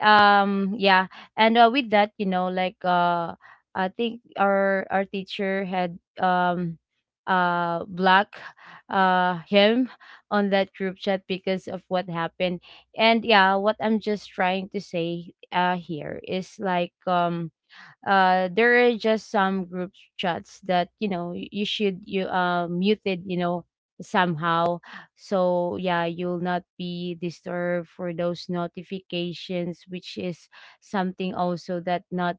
um Yeah. And uh, with that, you know, like uh I think our our teacher had, um uh block uh him on that group chat because of what happened. And yeah, what I'm just trying to say uh here is, like, um uh there are just some group chats that, you know, y- you should, you uh muted, you know, somehow, so yeah, you'll not be disturbed for those notifications, which is something also that not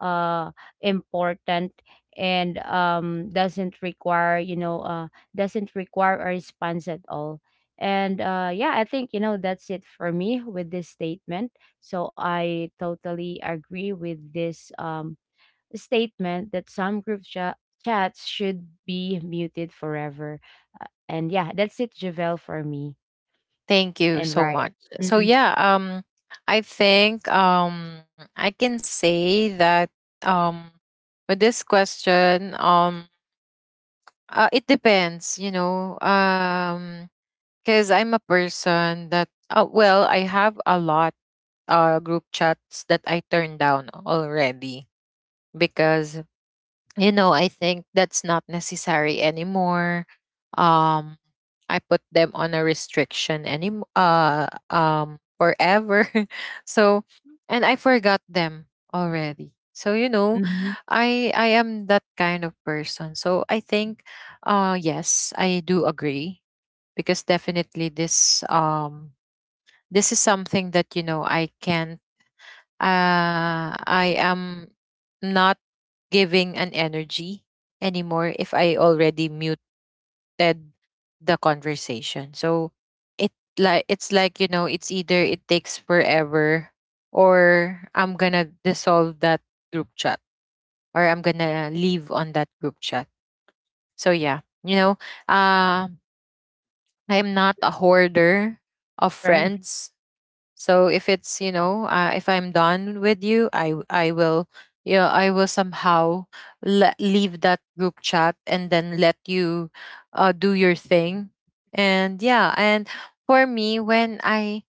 uh important, and um doesn't require you know uh doesn't require a response at all. And uh yeah, I think, you know, that's it for me with this statement. So I totally agree with this, um, statement, that some group cha- chats should be muted forever. Uh, and yeah, that's it, Javel, for me.
Thank you
And
so
right.
much. So
Mm-hmm.
yeah, um I think um I can say that um with this question, um uh, it depends, you know, um cuz I'm a person that uh, well, I have a lot uh group chats that I turned down already because, you know, I think that's not necessary anymore. Um, I put them on a restriction any uh um forever. (laughs) So, and I forgot them already. So you know,
Mm-hmm.
I I am that kind of person. So I think, uh, yes, I do agree, because definitely this um this is something that you know I can't, uh, I am not giving an energy anymore if I already muted the conversation. So it like it's like you know it's either it takes forever or I'm gonna dissolve that group chat or I'm gonna leave on that group chat. So yeah, you know, uh, I am not a hoarder of
Right.
friends. So if it's you know uh, if I'm done with you, I w- I will, you know, I will somehow le- leave that group chat and then let you uh, do your thing. And yeah, and for me, when I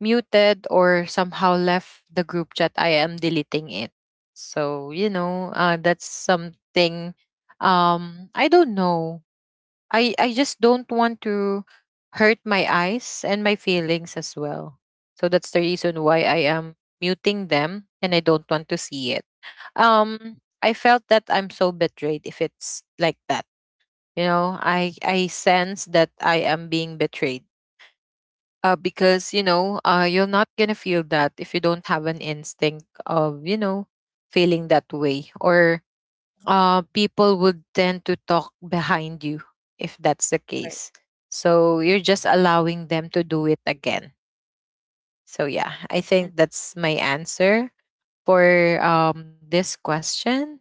muted or somehow left the group chat, I am deleting it. So you know uh, that's something, um I don't know, I I just don't want to hurt my eyes and my feelings as well. So that's the reason why I am muting them and I don't want to see it. Um I felt that I'm so betrayed if it's like that. You know, I I sense that I am being betrayed. Uh because, you know, uh you're not going to feel that if you don't have an instinct of, you know, feeling that way, or uh, people would tend to talk behind you if that's the
Right.
case. So you're just allowing them to do it again. So yeah, I think that's my answer for um, this question.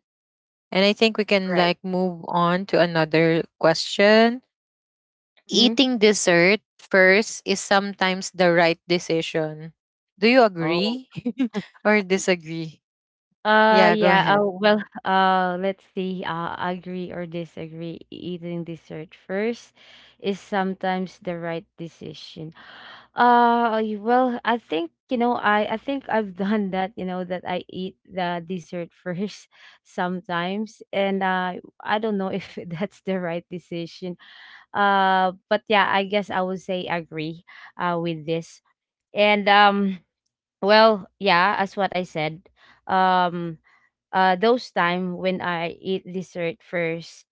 And I think we can
Right.
like move on to another question.
Mm-hmm.
Eating dessert first is sometimes the right decision. Do you
Oh.
agree (laughs) or disagree?
Uh,
Yeah, go
yeah.
ahead.
Uh, well, (laughs) uh, let's see. Uh, agree or disagree. Eating dessert first is sometimes the right decision. (gasps) Uh, y- well, I think, you know, I I think I've (laughs) done that. You know that I eat the dessert first (laughs) sometimes, and uh, I don't know if (laughs) that's the right decision. Uh, but yeah, I guess I would say agree, Uh, with this. And um, well, yeah, as what I said, um uh, those time when I eat dessert first,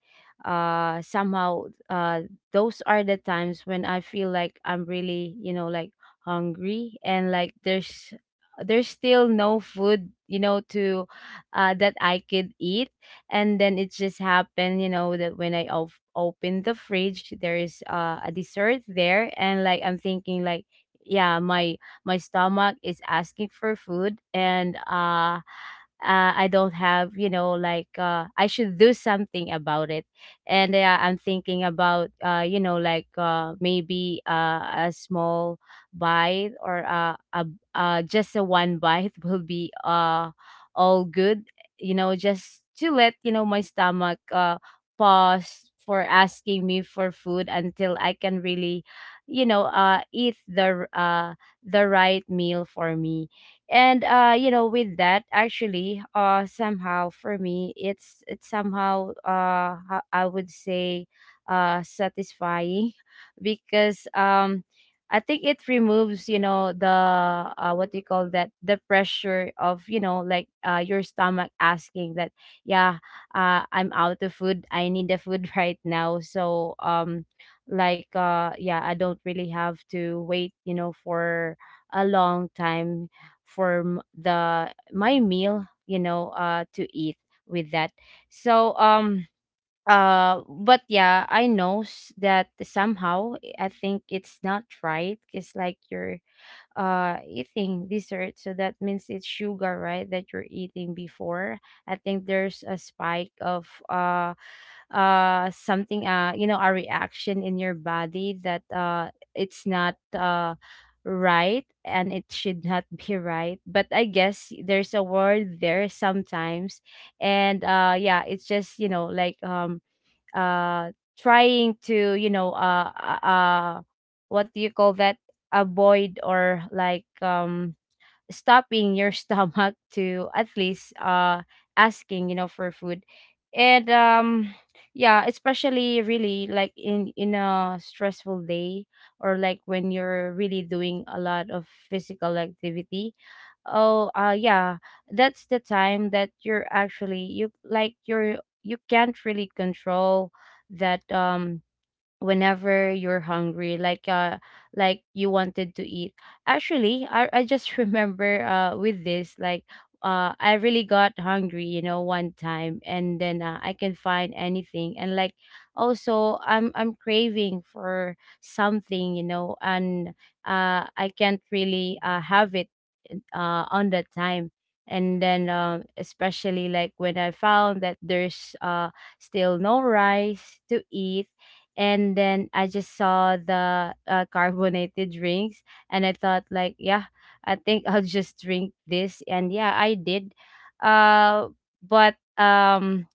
uh, somehow, uh, those are the times when I feel like I'm really, you know, like hungry, and like there's there's still no food, you know, to uh, that I could eat. And then it just happened, you know, that when I op- open the fridge, there is uh, a dessert there, and like I'm thinking like, yeah, my my stomach is asking for food. And uh uh, I don't have, you know, like, uh, I should do something about it. And uh, I'm thinking about, uh, you know, like, uh, maybe uh, a small bite, or uh, a, uh, just a one bite (laughs) will be, uh, all good, you know, just to let, you know, my stomach, uh, pause for asking me for food until I can really, you know, uh, eat the, r- uh, the right meal for me. And uh you know, with that actually, uh somehow for me, it's it's somehow, uh ho- I would say, uh satisfying. (laughs) Because um I think it removes, you know, the uh what do you call that, the pressure of, you know, like, uh your stomach asking that, yeah, uh I'm out of food, I need the food (laughs) right now. So um like, uh yeah, I don't really have to wait, you know, for a long time for m- the my meal, you know, uh to eat, with that. So um uh but yeah, i know s- that somehow, eh, I think it's not right. It's like you're uh eating dessert, so that means it's sugar, right, that you're eating before. I think there's a spike of, uh uh something, uh you know, a reaction in your body, that uh it's not uh right and it should not (laughs) be right. But I guess there's a word there sometimes. And uh yeah, it's just, you know, like, um uh trying to, you know, uh uh uh, what do you call that, avoid, or like, um stopping your (laughs) stomach to at least uh asking, you know, for food. And um yeah, especially really, like, in in a stressful day, or like when you're really doing a lot of physical activity. Oh, uh yeah, that's the time that you're actually, you like you're you can't really control that. Um whenever you're hungry, like, uh like you wanted to eat. Actually, i, I just (laughs) remember uh with this, like, uh I really got hungry, you know, one time, and then uh, I can find anything, and like, also, i'm i'm craving for something, you know, and uh I can't really uh have it uh on that time. And then um especially like when I found that there's uh still no rice to eat, and then I just saw the, uh, carbonated drinks, and I thought like, yeah, I think I'll just drink this, and yeah, I did. uh but um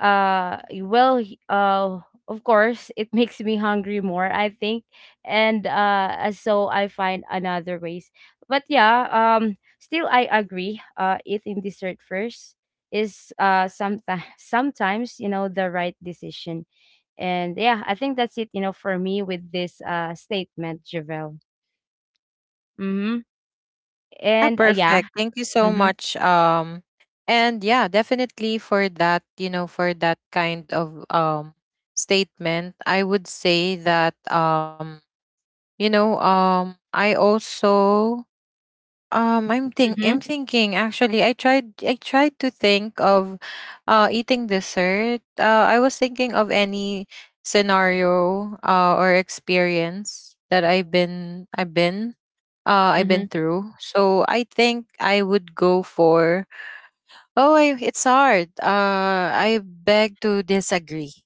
uh well he- uh of course it (laughs) makes me hungry more, I think. And uh uh, so I find another ways. But yeah, um still I agree, uh eating dessert first is, uh sometimes (laughs) sometimes, you know, the right decision. And yeah, I think that's it, you know, for me with this, uh statement, Javel. Mm-hmm.
Yeah,
And uh, yeah.
perfect. Thank you so
Mm-hmm.
much. Um, and yeah, definitely for that, you know, for that kind of um statement, I would say that um, you know, um, I also, um, I'm think
Mm-hmm.
I'm thinking actually. I tried I tried to think of uh eating dessert. Uh, I was thinking of any scenario uh or experience that I've been I've been uh, I've
Mm-hmm.
been through. So I think I would go for, oh, I, it's hard. Uh, I beg to disagree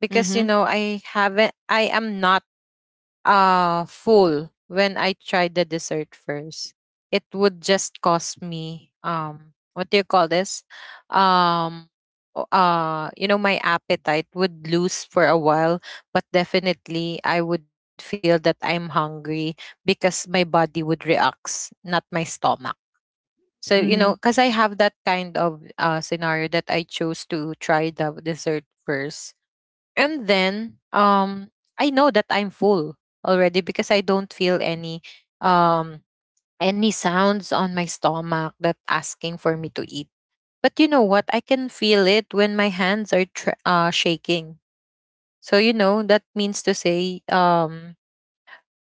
because you
Mm-hmm.
know I haven't. I am not uh full when I tried the dessert first. It would just cost me, um what do you call this? Um o- uh you know, my appetite would lose for a while, but definitely I would feel that I'm hungry because my body would react, not my stomach. So you know,
Mm-hmm.
because I have that kind of uh scenario that I chose to try the dessert first, and then um I know that I'm full already because I don't feel any um any sounds on my stomach that asking for me to eat. But you know what? I can feel it when my hands are tr- uh, shaking. So you know, that means to say, um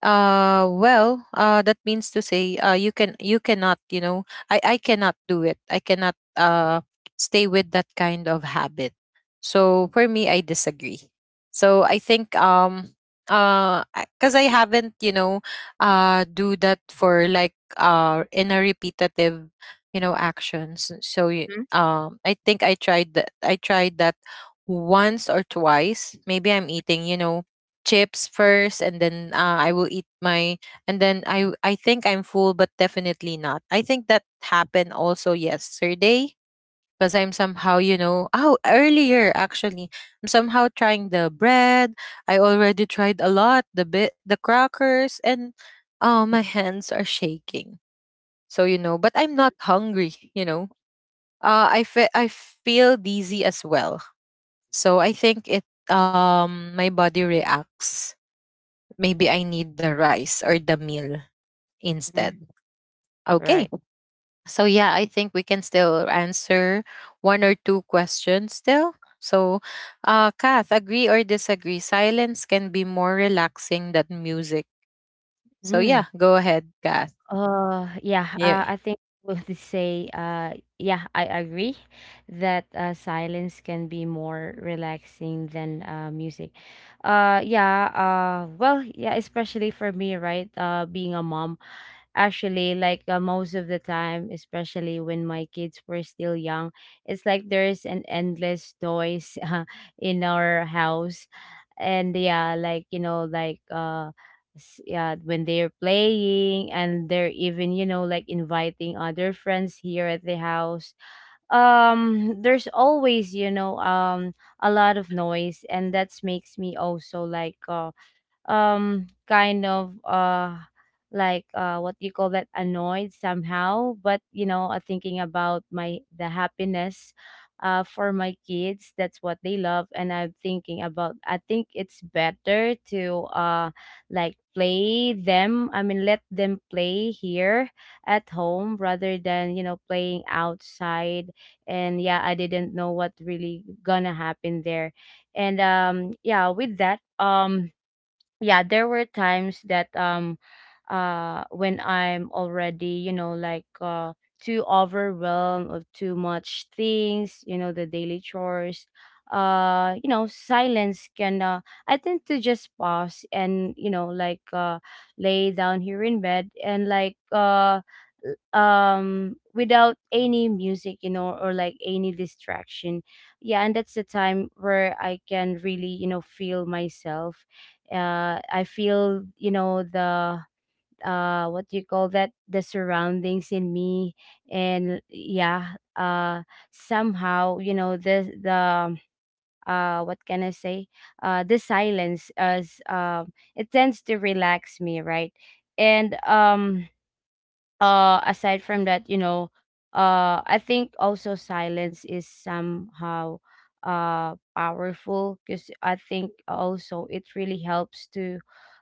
uh well uh that means to say, uh you can, you cannot, you know, i i cannot do it. I cannot uh stay with that kind of habit. So for me, I disagree. So I think, um uh because I haven't, you know, uh do that for like uh in a repetitive, you know, actions. so y-
Mm-hmm.
um I think i tried that I tried that once or twice. Maybe I'm eating, you know, chips first, and then uh, I will eat my, and then I I think I'm full, but definitely not. I think that happened also yesterday because I'm somehow, you know, oh, earlier actually. I'm somehow trying the bread. I already tried a lot, the bit the crackers and oh, my hands are shaking. So, you know, but I'm not hungry, you know. Uh, I fe- I feel dizzy as well, so I think it, um my body reacts. Maybe I need the rice or the meal instead.
Mm-hmm.
Okay.
Right.
So yeah, I think we can still answer one or two questions still. So uh Kath, agree or disagree? Silence can be more relaxing than music. So
Mm.
yeah, go ahead, Kath.
Uh, yeah,
Yeah.
uh, I think we would say, uh, yeah, I agree that, uh, silence can be more relaxing than, uh, music. Uh, yeah, uh, well, yeah, especially for me, right? Uh, being a mom. Actually, like, uh, most of the time, especially when my kids were still young, it's like there's an endless noise (laughs) uh, in our house. And yeah, like, you know, like, uh, s- yeah, when they're playing and they're even, you know, like, inviting other friends here at the house. Um, there's always, you know, um, a lot of noise, and that makes me also like, uh, um kind of uh like uh what do you call that, annoyed, somehow. But you know, uh, thinking about, my the happiness uh for my kids, that's what they love. And I'm thinking about, I think it's better to uh like, play them I mean let them play here at home, rather than, you know, playing outside. And yeah, I didn't know what really gonna happen there. And um yeah, with that, um yeah, there were times that, um uh when I'm already, you know, like, uh too overwhelmed of too much things, you know, the daily chores. Uh you know, silence can, uh I tend to just pause and, you know, like, uh lay down here in bed, and like, uh l- um without any music, you know, or like any distraction. Yeah, and that's the time where I can really, you know, feel myself. uh, I feel, you know, the uh what do you call that, the surroundings in me. And yeah, uh somehow, you know, the the uh what can I say, uh the silence, as, um it tends to relax me, right. And um uh aside from that, you know, uh I think also silence is somehow, uh powerful, because I think also it really helps to,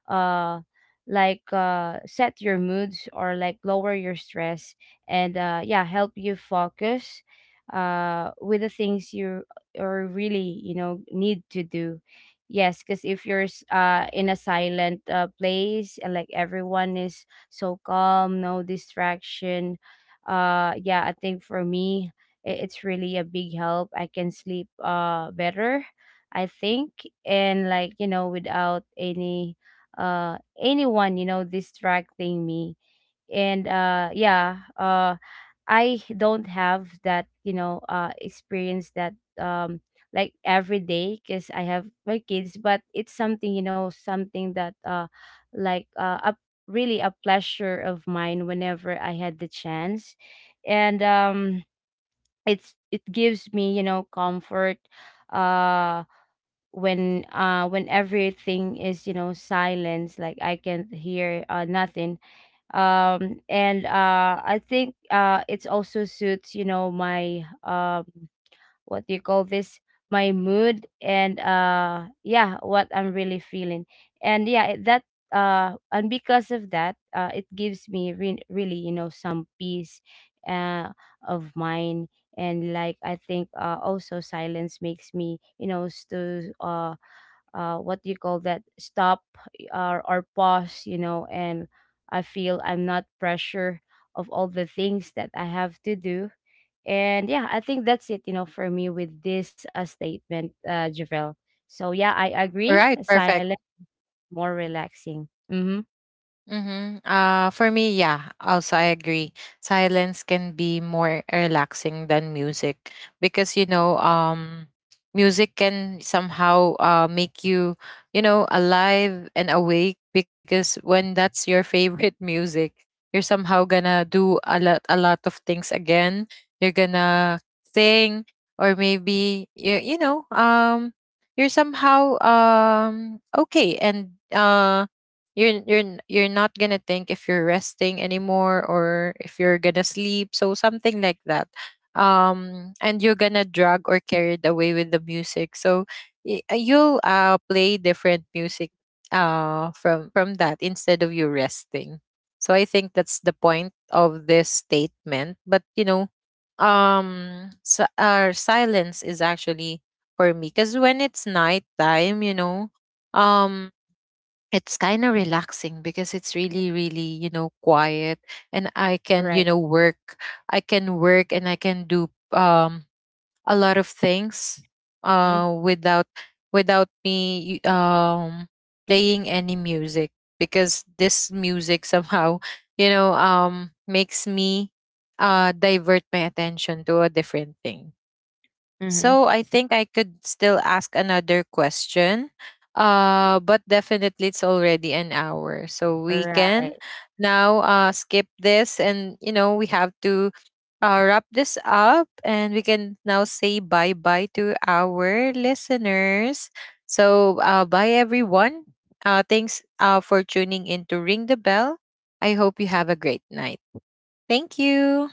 uh like, uh set your moods, or like lower your stress, and uh yeah, help you focus uh with the things you, or really, you know, need to do. Yes, because if you're s- uh in a silent uh place, and like everyone is so calm, no distraction. Uh, yeah, I think for me, i- it's really a big help. I can sleep uh better, I think, and like, you know, without any uh anyone, you know, distracting me. And uh yeah, uh I don't have that, you know, uh experience that, um like every day, because I have my kids. But it's something, you know, something that, uh like, uh a, really a pleasure of mine whenever I had the chance. And um it's it gives me, you know, comfort, uh when, uh when everything is, you know, silence, like I can hear uh nothing. Um and uh I think uh it's also suits, you know, my, um what do you call this, my mood, and uh yeah, what I'm really feeling. And yeah, it- that. Uh and because of that, uh it gives me, re- really, you know, some peace, uh of mind. And like, I think, uh also silence makes me, you know, s- to uh uh, what do you call that, stop, or, or pause, you know, and I feel I'm not pressure of all the things that I have to do. And yeah, I think that's it, you know, for me with this, uh, statement, uh Javel. So yeah, I
All
agree,
right,
silent
perfect.
more relaxing. Mm-hmm.
Mm-hmm. Uh, for me, yeah, also I agree. Silence can be more relaxing than music because, you know, um, music can somehow uh, make you, you know, alive and awake, because when that's your favorite (laughs) music, you're somehow gonna do a lot, a lot of things again. You're gonna sing, or maybe, you, you know, um, you're somehow, um, okay, and uh you're you're n- you're not gonna think if you're resting anymore or if you're gonna sleep, so something like that. Um and you're gonna drag or carried away with the music, so y- uh, you'll uh play different music uh from from that instead of you resting. So I think that's the point of this statement, but you know, um so our silence is actually, for me, because when it's nighttime, you know, um it's kind of relaxing because it's really, really, you know, quiet, and I can,
Right.
you know, work. I can work and I can do, um a lot of things
Mm-hmm.
uh without without me y- um playing any music, because this music (laughs) somehow, you know, um makes me uh divert my attention to a different thing.
Mm-hmm.
So I think I could still ask another question. Uh, but definitely it's already an hour, so we can
Right.
now uh, skip this, and you know we have to uh, wrap this up, and we can now say bye bye to our listeners. So uh, bye everyone. Uh, thanks uh, for tuning in to Ring the Bell. I hope you have a great night. Thank you.